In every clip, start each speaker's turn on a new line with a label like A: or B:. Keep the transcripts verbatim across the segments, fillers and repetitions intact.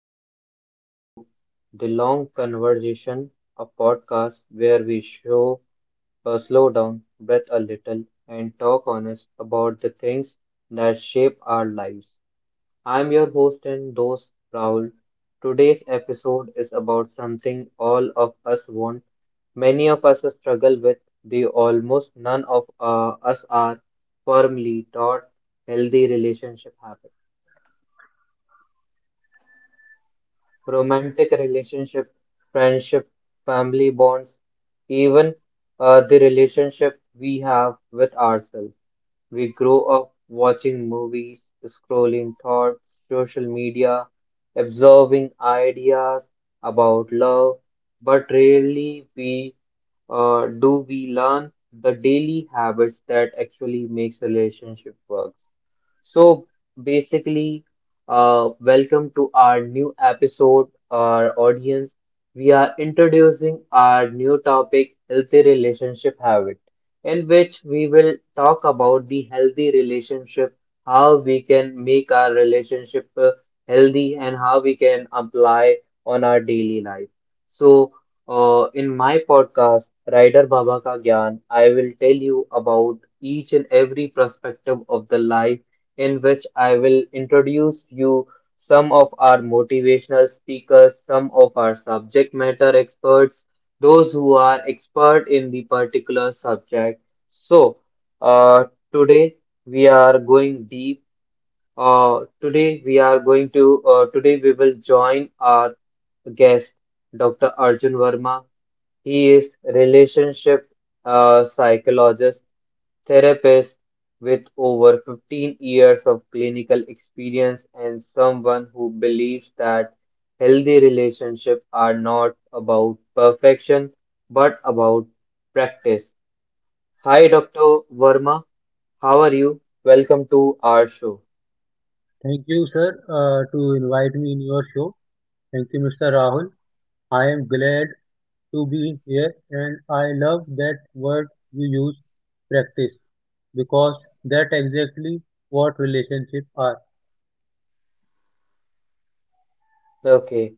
A: Hello and welcome to The Long Conversation, a podcast where we show uh, slow down, breath a little, and talk honest about the things that shape our lives. I'm your host and host Rahul. Today's episode is about something all of us want. Many of us struggle with the almost none of uh, us are firmly taught healthy relationship habits. Romantic relationship, friendship, family bonds, even uh, the relationship we have with ourselves. We grow up watching movies, scrolling thoughts, social media, absorbing ideas about love, but rarely we uh, do we learn the daily habits that actually makes relationship works. So basically, uh, welcome to our new episode, our audience. We are introducing our new topic, healthy relationship habit, in which we will talk about the healthy relationship, how we can make our relationship uh, healthy, and how we can apply on our daily life. So, uh, in my podcast, Rider Baba Ka Gyan, I will tell you about each and every perspective of the life in which I will introduce you some of our motivational speakers, some of our subject matter experts, those who are expert in the particular subject. So, uh, today we are going deep. Uh, today we are going to, uh, Today we will join our guest, doctor Arjun Verma. He is relationship uh, psychologist, therapist with over fifteen years of clinical experience and someone who believes that healthy relationships are not about perfection but about practice. Hi, doctor Verma. How are you? Welcome to our show.
B: Thank you, sir, uh, to invite me in your show. Thank you, mister Rahul. I am glad to be here, and I love that word you use, practice, because that's exactly what relationships are.
A: Okay.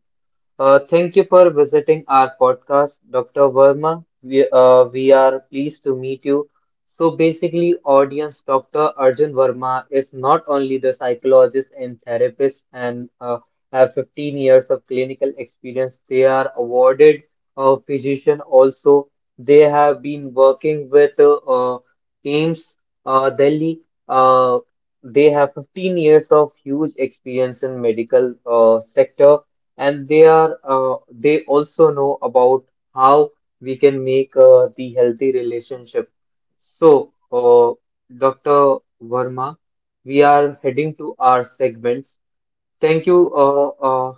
A: Uh, thank you for visiting our podcast, doctor Verma. We, uh, we are pleased to meet you. So, basically, audience doctor Arjun Verma is not only the psychologist and therapist and uh, have fifteen years of clinical experience, they are awarded a physician also. They have been working with uh, uh, AIMS uh, Delhi. Uh, they have fifteen years of huge experience in medical uh, sector and they are uh, they also know about how we can make uh, the healthy relationship. So, uh, doctor Verma, we are heading to our segments. Thank you uh, uh,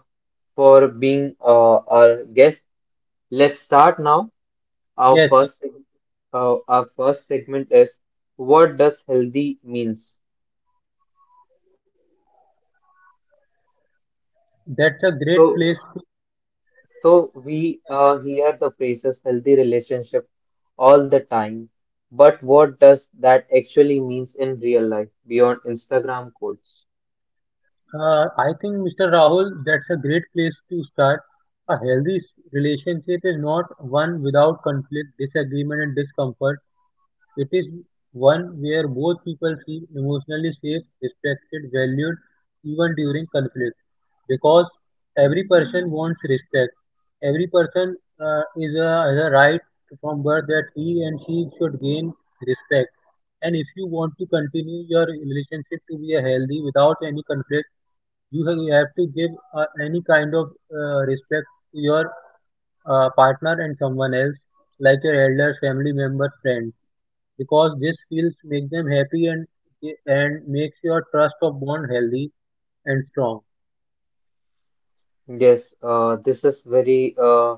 A: for being uh, our guest. Let's start now. Our
B: Yes,
A: first seg- uh, our first segment is, what does healthy means?
B: that's a great
A: So
B: place.
A: So we uh, hear the phrases healthy relationship all the time, but what does that actually means in real life beyond Instagram quotes?
B: Uh, I think, mister Rahul, that's a great place to start. A healthy s- relationship is not one without conflict, disagreement, and discomfort. It is one where both people feel emotionally safe, respected, valued even during conflict, because every person wants respect. Every person uh, is a, has a right from birth that he and she should gain respect. And if you want to continue your relationship to be a healthy without any conflict, you have, you have to give uh, any kind of uh, respect to your uh, partner and someone else, like your elders, family members, friends, because these feels make them happy and and makes your trust of bond healthy and strong.
A: Yes, uh, this is very uh,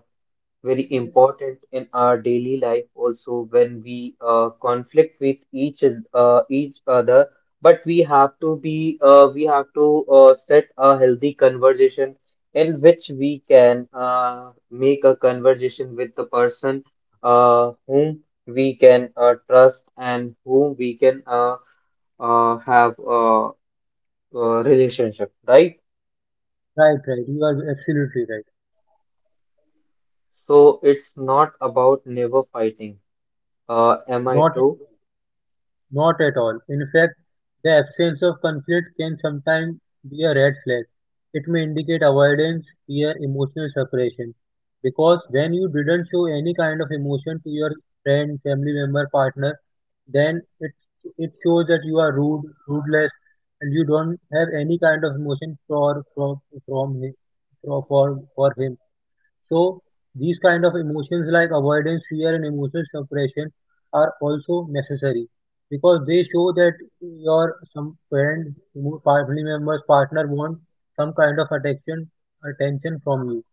A: very important in our daily life also when we uh, conflict with each uh, each other, but we have to be uh, we have to uh, set a healthy conversation in which we can uh, make a conversation with the person uh, whom we can uh, trust and whom we can uh, uh, have a, a relationship, right?
B: Right, right. You are absolutely right.
A: So it's not about never fighting, uh, am I
B: Not
A: true?
B: Not at all. In fact, the absence of conflict can sometimes be a red flag. It may indicate avoidance, fear, emotional separation. Because when you didn't show any kind of emotion to your friend, family member, partner, then it it shows that you are rude, rudeless, and you don't have any kind of emotion for from from him, for for for him. So these kind of emotions like avoidance, fear and emotional suppression are also necessary because they show that your some parent, mo- family members, partner want some kind of attention attention from you.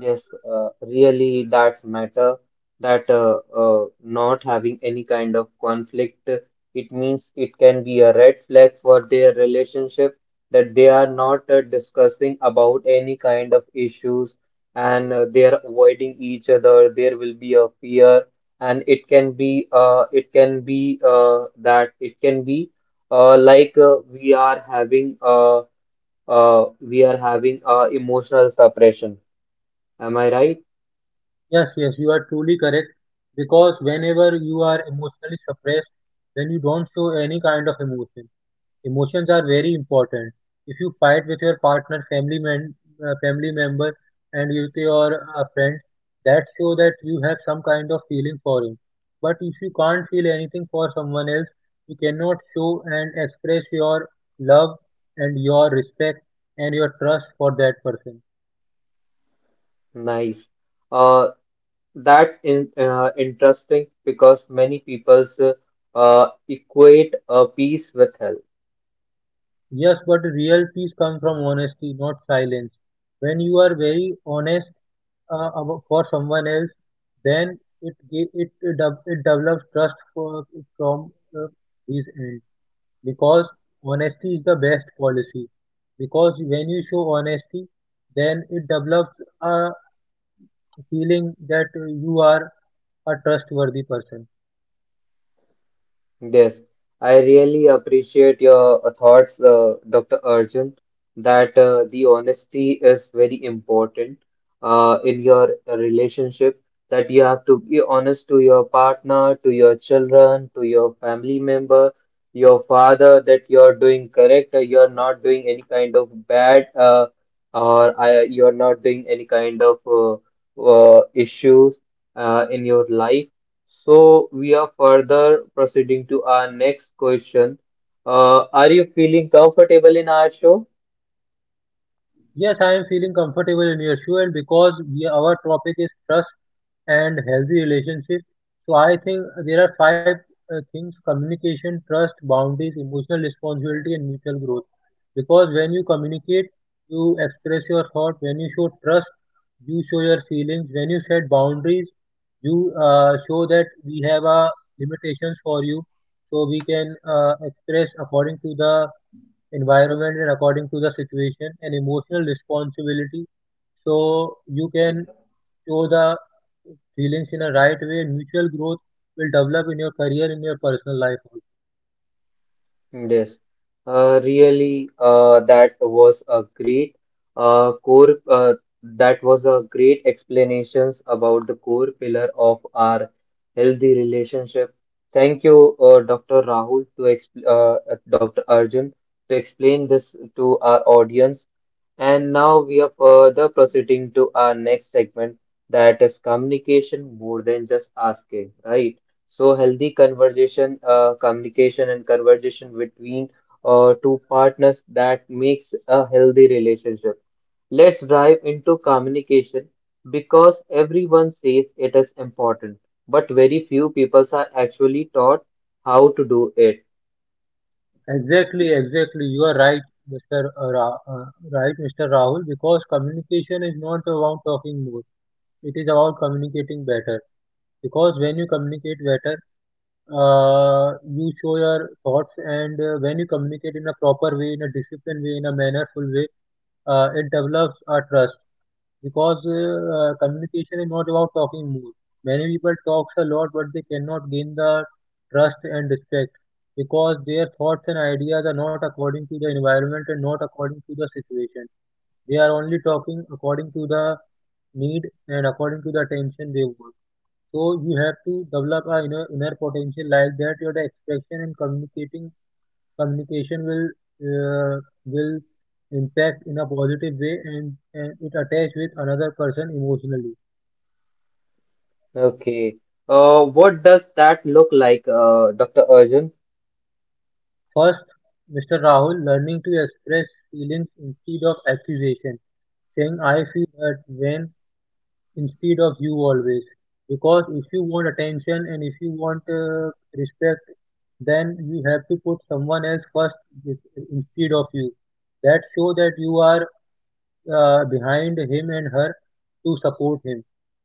A: Yes, uh, really that's matter that uh, uh, not having any kind of conflict, uh, it means it can be a red flag for their relationship, that they are not uh, discussing about any kind of issues and uh, they are avoiding each other. There will be a fear and it can be uh, it can be uh, that it can be uh, like uh, we are having uh, uh, we are having uh, emotional suppression. Am I right?
B: Yes, yes, you are truly correct, because whenever you are emotionally suppressed, then you don't show any kind of emotion. Emotions are very important. If you fight with your partner, family man, uh, family member, and with your uh, friends, that show that you have some kind of feeling for him. But if you can't feel anything for someone else, you cannot show and express your love and your respect and your trust for that person.
A: Nice. Uh, that's in, uh, interesting because many people's uh, uh, equate uh, peace with health.
B: Yes, but real peace comes from honesty, not silence. When you are very honest uh, abo- for someone else, then it ge- it de- it develops trust for, from uh, his end, because honesty is the best policy. Because when you show honesty, then it develops a feeling that uh, you are a trustworthy person.
A: Yes, I really appreciate your uh, thoughts, uh, doctor Arjun, that uh, the honesty is very important uh, in your relationship, that you have to be honest to your partner, to your children, to your family member, your father, that you're doing correct, that you're not doing any kind of bad, uh, or I, you're not doing any kind of uh, uh, issues uh, in your life. So we are further proceeding to our next question. Uh, are you feeling comfortable in our show?
B: Yes, I am feeling comfortable in your shoe, and because we, our topic is trust and healthy relationship. So I think there are five uh, things: communication, trust, boundaries, emotional responsibility, and mutual growth. Because when you communicate, you express your thought. When you show trust, you show your feelings. When you set boundaries, you uh, show that we have uh, limitations for you, so we can uh, express according to the environment and according to the situation, and emotional responsibility so you can show the feelings in a right way. Mutual growth will develop in your career, in your personal life also.
A: Yes. Uh, really, uh, that was a great uh, core. Uh, that was a great explanations about the core pillar of our healthy relationship. Thank you, uh, doctor Rahul, to exp uh, doctor Arjun, to explain this to our audience. And now we are further proceeding to our next segment, that is communication more than just asking, right? So healthy conversation, uh, communication and conversation between uh, two partners, that makes a healthy relationship. Let's dive into communication because everyone says it is important, but very few people are actually taught how to do it.
B: Exactly, exactly. You are right, mister Ra- uh, right, mister Rahul, because communication is not about talking more. It is about communicating better. Because when you communicate better, uh, you show your thoughts, and uh, when you communicate in a proper way, in a disciplined way, in a mannerful way, uh, it develops a trust. Because uh, communication is not about talking more. Many people talks a lot, but they cannot gain the trust and respect because their thoughts and ideas are not according to the environment and not according to the situation. They are only talking according to the need and according to the attention they want. So you have to develop a inner, inner potential like that. Your expression and communicating communication will uh, will impact in a positive way, and and it attach with another person emotionally.
A: Okay. Uh, what does that look like, uh, doctor Arjun?
B: First, mister Rahul, learning to express feelings instead of accusation, saying I feel hurt when, instead of you always. Because if you want attention and if you want uh, respect, then you have to put someone else first instead of you. That show that you are uh, behind him and her to support him.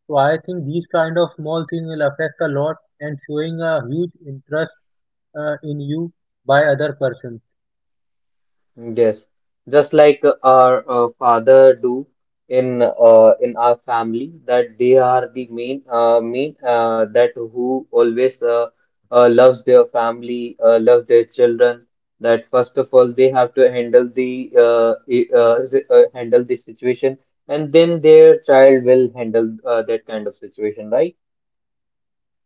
B: So I think these kind of small things will affect a lot and showing a huge interest uh, in you by other persons.
A: Yes, just like our uh, father do in uh, in our family, that they are the main uh, main uh, that who always uh, uh, loves their family, uh, loves their children. That first of all they have to handle the uh, i- uh, s- uh, handle the situation, and then their child will handle uh, that kind of situation, right?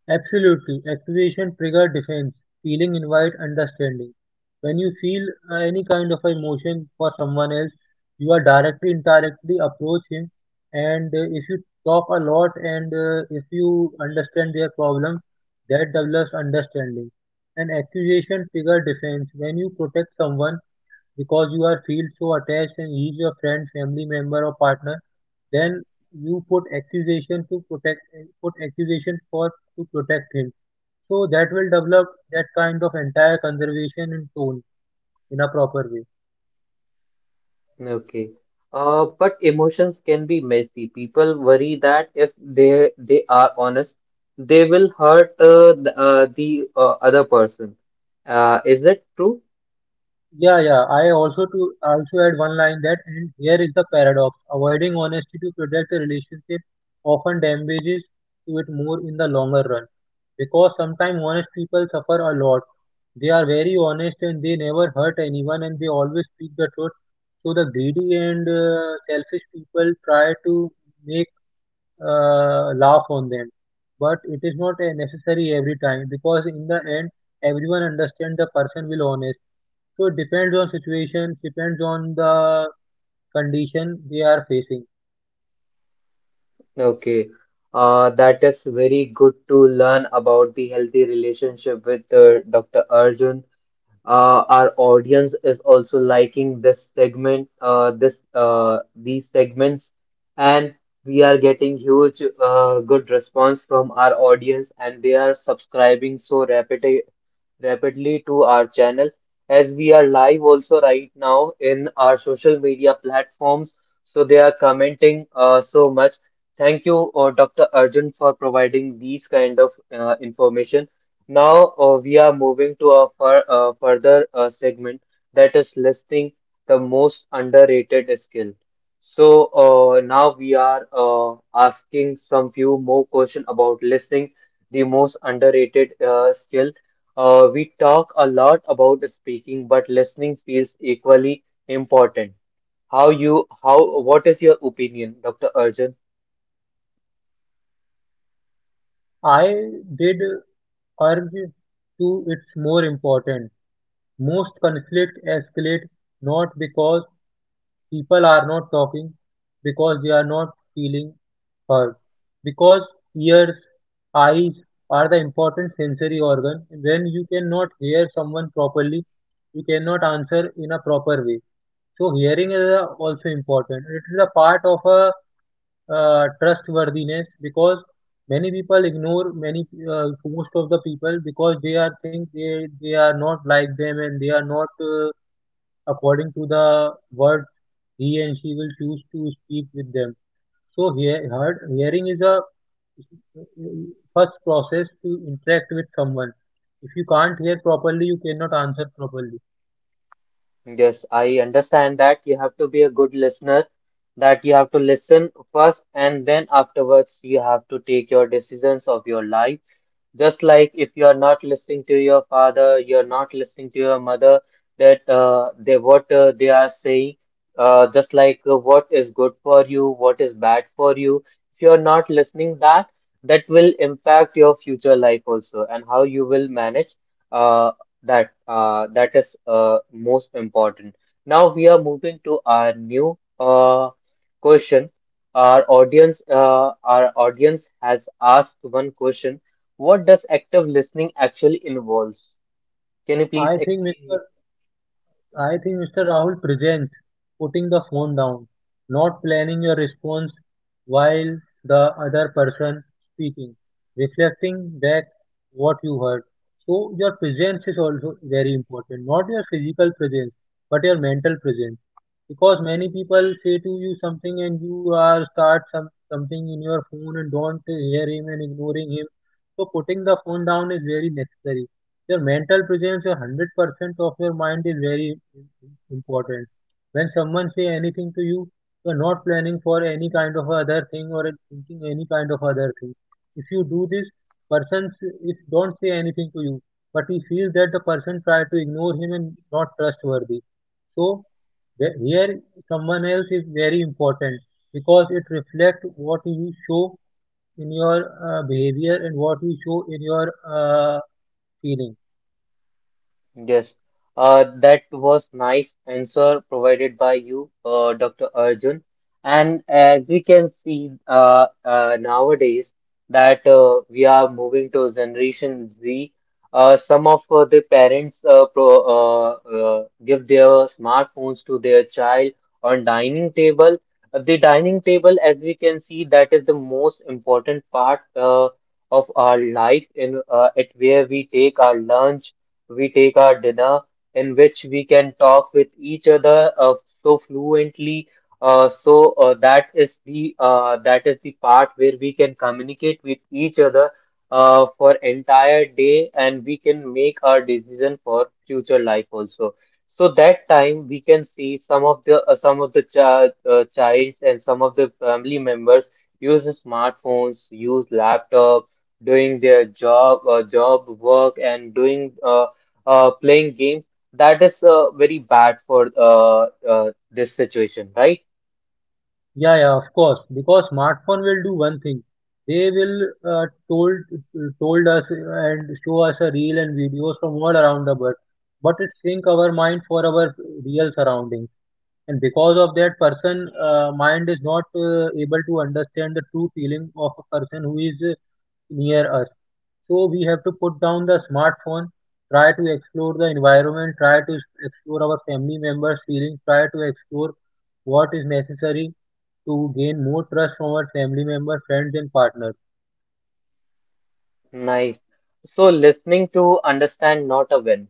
B: Absolutely, activation trigger defense, feeling invite understanding. When you feel uh, any kind of emotion for someone else, you are directly indirectly approach him, and uh, if you talk a lot and uh, if you understand their problem, that develops understanding. And accusation trigger defense when you protect someone because you are feel so attached, and he is your friend, family member or partner, then you put accusation to protect put accusation for to protect him, so that will develop that kind of entire conservation and tone in a proper way.
A: Okay. Uh, but emotions can be messy. People worry that if they they are honest, they will hurt uh, the, uh, the uh, other person. Uh, is that true?
B: Yeah, yeah. I also to also add one line that, and here is the paradox. Avoiding honesty to protect a relationship often damages to it more in the longer run. Because sometimes honest people suffer a lot. They are very honest and they never hurt anyone and they always speak the truth. So the greedy and uh, selfish people try to make uh, laugh on them. But it is not uh, necessary every time, because in the end, everyone understands the person will honest. So it depends on situation, depends on the condition they are facing.
A: Okay. Uh, that is very good to learn about the healthy relationship with uh, doctor Arjun. Uh, our audience is also liking this segment, uh, this uh, these segments, and we are getting huge uh, good response from our audience, and they are subscribing so rapid rapidly to our channel, as we are live also right now in our social media platforms. So they are commenting uh, so much. Thank you, uh, doctor Arjun, for providing these kind of uh, information. Now uh, we are moving to a fur uh, further uh, segment, that is listing the most underrated skill. So uh, now we are uh, asking some few more question about listing the most underrated uh, skill. Uh, we talk a lot about speaking, but listening feels equally important. How you, how, what is your opinion, doctor Arjun?
B: I did urge to it's more important. Most conflict escalate not because people are not talking, because they are not feeling heard, because ears, eyes are the important sensory organ. When you cannot hear someone properly, you cannot answer in a proper way. So hearing is uh, also important. It is a part of a uh, trustworthiness, because many people ignore many uh, most of the people because they are think they they are not like them and they are not uh, according to the words he and she will choose to speak with them. So hear, heard, hearing is a first process to interact with someone. If you can't hear properly, you cannot answer properly.
A: Yes, I understand that you have to be a good listener, that you have to listen first, and then afterwards you have to take your decisions of your life. Just like if you are not listening to your father, you're not listening to your mother, that uh, they what uh, they are saying, uh, just like uh, what is good for you, what is bad for you. If you're not listening that, that will impact your future life also, and how you will manage uh, that. Uh, that is uh, most important. Now we are moving to our new uh, question. Our audience, uh, our audience has asked one question, what does active listening actually involves? Can you please
B: I think
A: explain me?
B: Mr. I think mister Rahul presents putting the phone down, not planning your response while the other person speaking, reflecting back what you heard. So your presence is also very important, not your physical presence, but your mental presence. Because many people say to you something and you are start some something in your phone and don't hear him and ignoring him. So putting the phone down is very necessary, your mental presence, your one hundred percent of your mind is very important. When someone say anything to you, you are not planning for any kind of other thing or thinking any kind of other thing. If you do this, person s- if don't say anything to you, but he feels that the person try to ignore him and not trustworthy. So the- here someone else is very important, because it reflects what you show in your uh, behavior and what you show in your uh, feeling.
A: Yes, uh, that was nice answer provided by you, uh, doctor Arjun. And as we can see uh, uh, nowadays that uh, we are moving to Generation Z, uh, some of uh, the parents uh, pro, uh, uh, give their smartphones to their child on dining table. Uh, The dining table, as we can see, that is the most important part uh, of our life in uh, at where we take our lunch, we take our dinner, in which we can talk with each other uh, so fluently. Uh, so uh, that is the uh, that is the part where we can communicate with each other uh, for entire day, and we can make our decision for future life also. So that time we can see some of the uh, some of the child uh, childs and some of the family members use smartphones, use laptop, doing their job uh, job work and doing uh, uh, playing games, that is uh, very bad for uh, uh, this situation, right?
B: Yeah, yeah, of course. Because smartphone will do one thing. They will uh, told told us and show us a reel and videos from all around the world, but it sync our mind for our real surroundings. And because of that, person uh, mind is not uh, able to understand the true feeling of a person who is uh, near us. So we have to put down the smartphone, try to explore the environment, try to explore our family members' feelings, try to explore what is necessary to gain more trust from our family members, friends, and partners.
A: Nice. So listening to understand, not a win.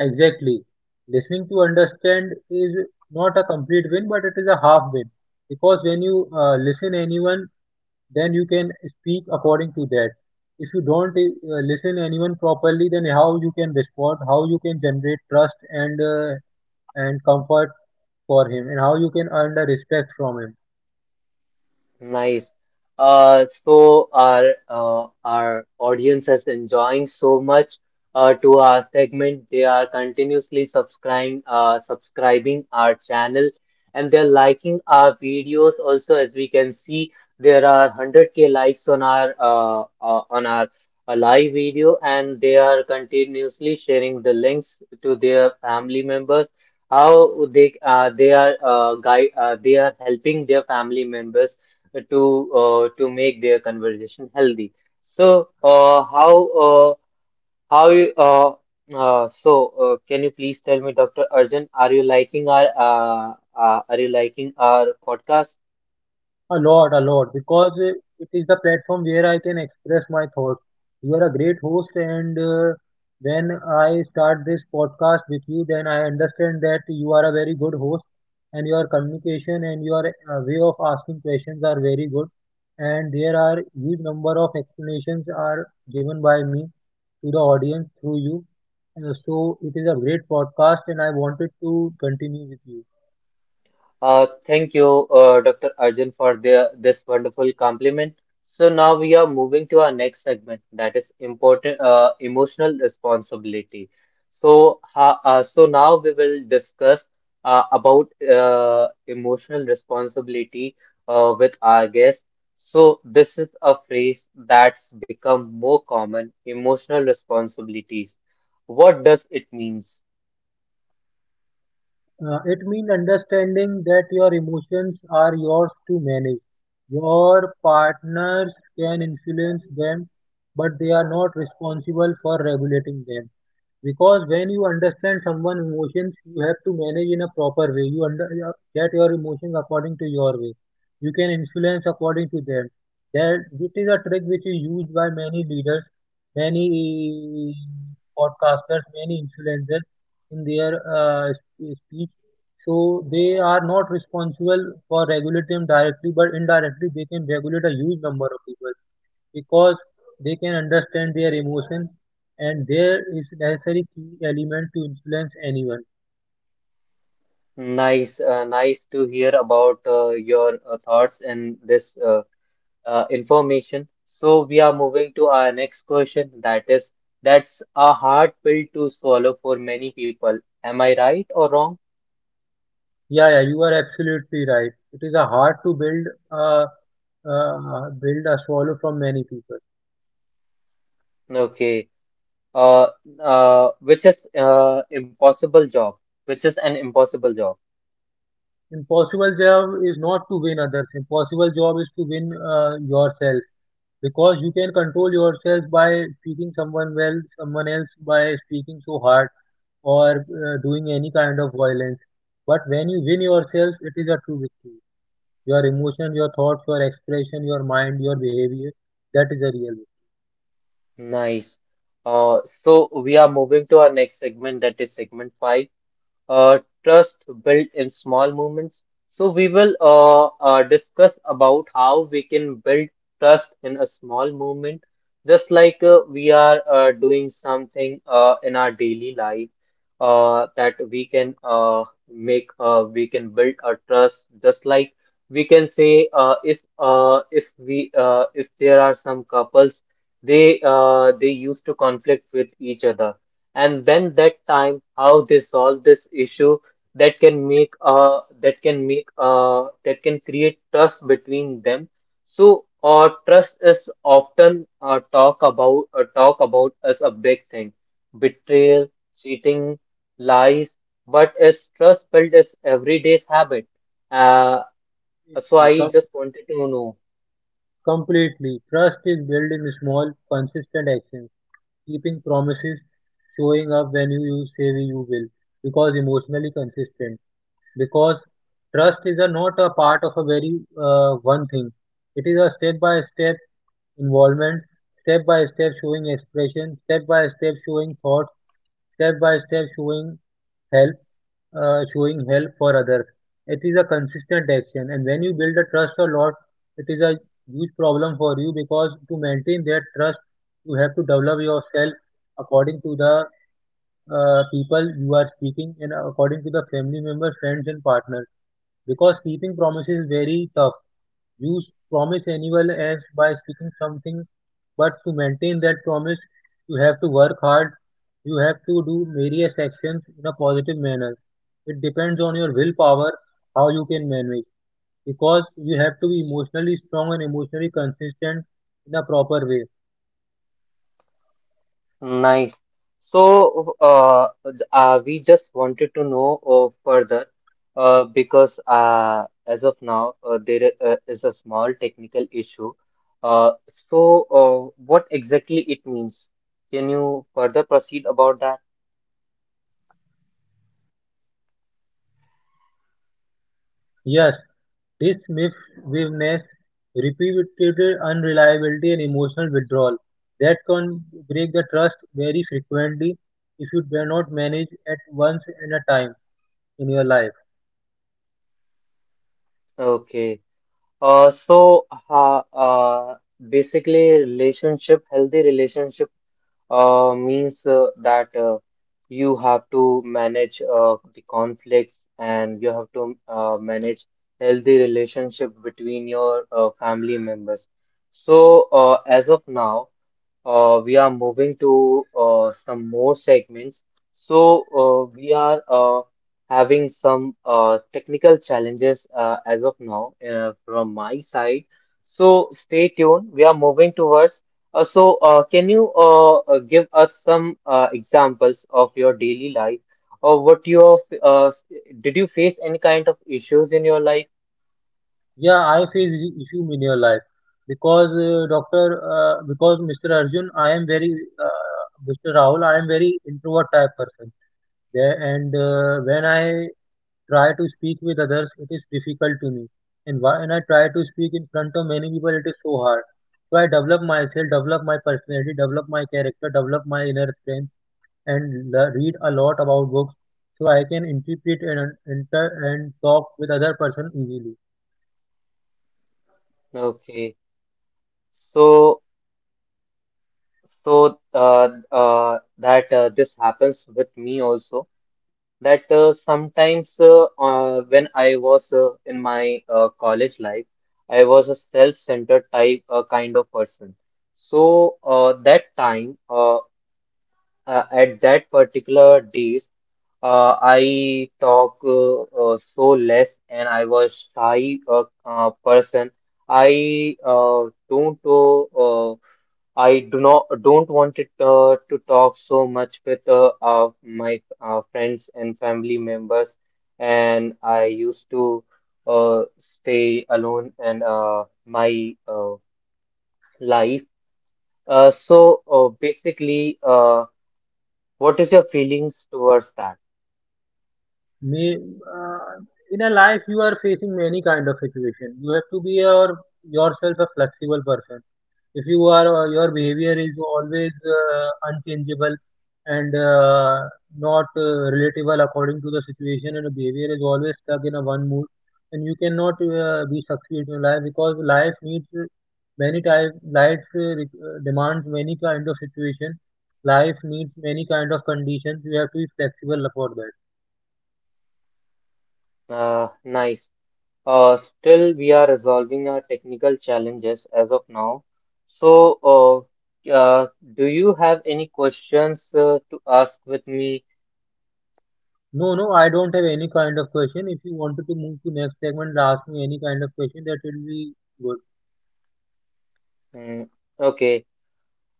B: Exactly. Listening to understand is not a complete win, but it is a half win. Because when you uh, listen anyone, then you can speak according to that. If you don't uh, listen anyone properly, then how you can respond, how you can generate trust and uh, and comfort for him, and how you can earn the respect from him?
A: Nice. Uh, so our uh, our audience is enjoying so much uh, to our segment. They are continuously subscribing uh, subscribing our channel and they're liking our videos also. As we can see, there are one hundred k likes on our uh, uh, on our uh, live video and they are continuously sharing the links to their family members. How they uh, they are uh, guy uh, they are helping their family members to uh, to make their conversation healthy. So uh, how uh, how you, uh, uh, so uh, can you please tell me, doctor Arjun, are you liking our uh, uh, are you liking our podcast?
B: A lot, a lot, because uh, it is the platform where I can express my thoughts. You are a great host, and uh, when I start this podcast with you, then I understand that you are a very good host, and your communication and your uh, way of asking questions are very good. And there are huge number of explanations are given by me to the audience through you. Uh, so it is a great podcast, and I wanted to continue with you.
A: Uh, thank you, uh, doctor Arjun, for the, this wonderful compliment. So now we are moving to our next segment, that is important uh, emotional responsibility. So ha, uh, so now we will discuss uh, about uh, emotional responsibility uh, with our guest. So this is a phrase that's become more common, emotional responsibilities. What does it means?
B: Uh, it means understanding that your emotions are yours to manage. Your partners can influence them, but they are not responsible for regulating them. Because when you understand someone's emotions, you have to manage in a proper way. You under your- get your emotions according to your way. You can influence according to them. That it is a trick which is used by many leaders, many podcasters, many influencers in their uh, sp- speech. So they are not responsible for regulating them directly, but indirectly they can regulate a huge number of people because they can understand their emotions and there is necessary key element to influence anyone.
A: Nice, uh, nice to hear about uh, your uh, thoughts and this uh, uh, information. So we are moving to our next question. That is, that's a hard pill to swallow for many people. Am I right or wrong?
B: Yeah, yeah, you are absolutely right. It is a hard to build a uh, build a swallow from many people.
A: Okay. Uh, uh, which is uh, impossible job, which is an impossible job.
B: Impossible job is not to win others. Impossible job is to win uh, yourself. Because you can control yourself by speaking someone well, someone else by speaking so hard or uh, doing any kind of violence. But when you win yourself, it is a true victory. Your emotion, your thoughts, your expression, your mind, your behavior, that is a real
A: Nice. Uh, so we are moving to our next segment. That is segment five. uh, Trust built in small moments. So we will uh, uh, discuss about how we can build trust in a small moment, just like uh, we are uh, doing something uh, in our daily life uh, that we can uh, make uh, we can build a trust, just like we can say uh, if uh, if we uh, if there are some couples they uh, they used to conflict with each other, and then that time how they solve this issue that can make uh that can make uh that can create trust between them. So uh trust is often uh, talk about uh, talk about as a big thing. Betrayal, cheating, lies, but is trust built as everyday's habit? uh so
B: victory.
A: I
B: Com-
A: just wanted to know.
B: completely. Trust is built in small, consistent actions, keeping promises, showing up when you, you say you will, because emotionally consistent. Because trust is a, not a part of a very uh, one thing. It is a step by step involvement, step by step showing expression, step by step showing thoughts, step by step showing help, uh, showing help for others. It is a consistent action, and when you build a trust a lot, it is a huge problem for you because to maintain that trust, you have to develop yourself according to the uh, people you are speaking and according to the family members, friends, and partners. Because keeping promises is very tough, Jews promise anyone else by speaking something, but to maintain that promise, you have to work hard, you have to do various actions in a positive manner. It depends on your willpower how you can manage, because you have to be emotionally strong and emotionally consistent in a proper way.
A: Nice. So, uh, uh, we just wanted to know uh, further, uh, because uh, as of now, uh, there uh, is a small technical issue. Uh, so, uh, what exactly it means? Can you further proceed about that?
B: Yes, this misgiveness, repeated unreliability and emotional withdrawal that can break the trust very frequently if you do not manage at once and a time in your life.
A: Okay. Uh, so, uh, uh, Basically, relationship, healthy relationship uh, means uh, that uh, you have to manage uh, the conflicts, and you have to uh, manage healthy relationship between your uh, family members. So uh, as of now, uh, we are moving to uh, some more segments. So uh, we are uh, having some uh, technical challenges uh, as of now uh, from my side. So stay tuned. We are moving towards uh, so, uh, can you uh, uh, give us some uh, examples of your daily life, or what you have, uh, s- did you face any kind of issues in your life?
B: Yeah, I face the issue in your life because uh, Doctor, uh, because mister Arjun, I am very uh, mister Rahul, I am very introvert type person. There and uh, when I try to speak with others, it is difficult to me. And why- when I try to speak in front of many people, it is so hard. So I develop myself, develop my personality, develop my character, develop my inner strength, and le- read a lot about books so I can interpret and un- enter and talk with other person easily.
A: Okay, so so uh, uh, that uh, this happens with me also. That uh, sometimes uh, uh, when I was uh, in my uh, college life, I was a self-centered type uh, kind of person. So uh, that time. Uh, uh, at that particular days, uh, I talk uh, uh, so less, and I was shy uh, uh, person. I uh, don't uh, uh, I do not don't want it uh, to talk so much with uh, uh, my uh, friends and family members, and I used to uh, stay alone and uh, my uh, life. Uh, so uh, basically. Uh, what is your feelings towards that?
B: May uh, in a life you are facing many kind of situation. You have to be your yourself a flexible person if you are uh, your behavior is always uh, unchangeable and uh, not uh, relatable according to the situation and the behavior is always stuck in a one mood and you cannot uh, be succeed in life because life needs uh, many type life uh, re- uh, demands many kind of situation, life needs many kind of conditions, you have to be flexible for that.
A: Uh, nice. Uh, still, we are resolving our technical challenges as of now. So, uh, uh, do you have any questions uh, to ask with me?
B: No, no, I don't have any kind of question. If you wanted to move to next segment, ask me any kind of question, that will be good.
A: Mm, okay.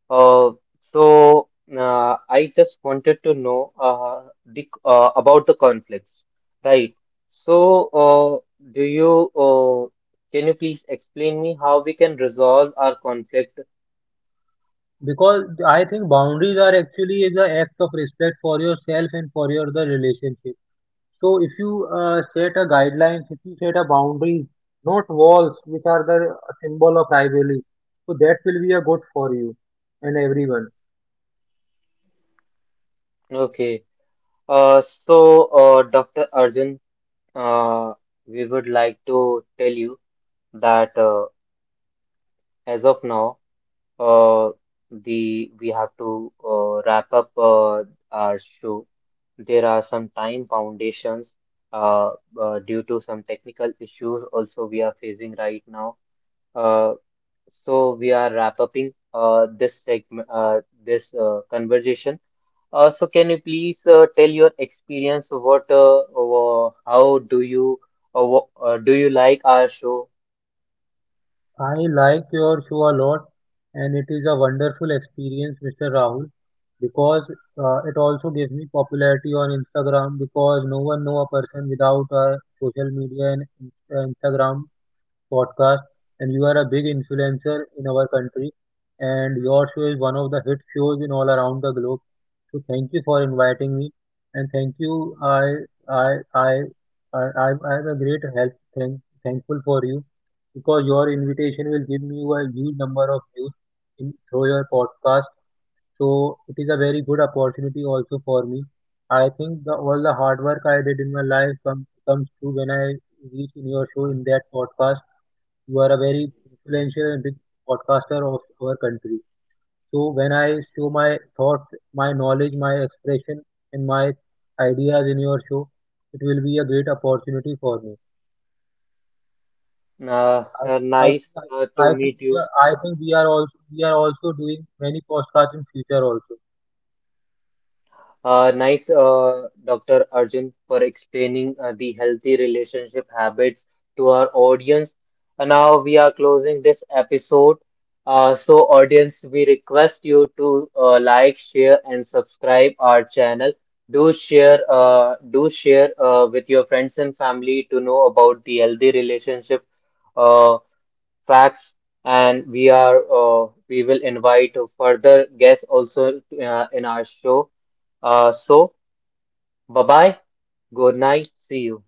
A: Uh, so, uh, I just wanted to know uh, the, uh, about the conflicts, right? So, uh, do you uh, can you please explain me how we can resolve our conflict?
B: Because I think boundaries are actually is an act of respect for yourself and for your the relationship. So if you uh, set a guidelines, if you set a boundaries, not walls, which are the symbol of rivalry, so that will be a good for you and everyone.
A: Okay. Uh, so, uh, doctor Arjun, uh, we would like to tell you that uh, as of now, uh, the we have to uh, wrap up uh, our show. There are some time foundations uh, uh, due to some technical issues also we are facing right now. Uh, so we are wrap upping uh, this segment, uh, this uh, conversation. Uh, so can you please uh, tell your experience? What, uh, uh, how do you, uh, wha- uh, do you like our show?
B: I like your show a lot, and it is a wonderful experience, mister Rahul, because uh, it also gives me popularity on Instagram because no one know a person without uh, social media and in- uh, Instagram podcast, and you are a big influencer in our country. And your show is one of the hit shows in all around the globe. So thank you for inviting me, and thank you. I I I I I I am a great help. Thank, Thankful for you because your invitation will give me a huge number of views in, through your podcast. So it is a very good opportunity also for me. I think the, all the hard work I did in my life come, comes true when I reach in your show in that podcast. You are a very influential and big podcaster of our country. So when I show my thoughts, my knowledge, my expression, and my ideas in your show, it will be a great opportunity for me.
A: Uh,
B: I,
A: uh,
B: I,
A: nice
B: I
A: uh, to
B: I think
A: meet
B: we
A: you.
B: are, I think we are also we are also doing many podcasts in future also.
A: Uh, nice, uh, doctor Arjun, for explaining uh, the healthy relationship habits to our audience. And now we are closing this episode. Uh, so, audience, we request you to uh, like, share, and subscribe our channel. Do share, uh, do share uh, with your friends and family to know about the healthy relationship. Uh, Facts, and we are uh, we will invite further guests also uh, in our show. Uh, so bye bye, good night, see you.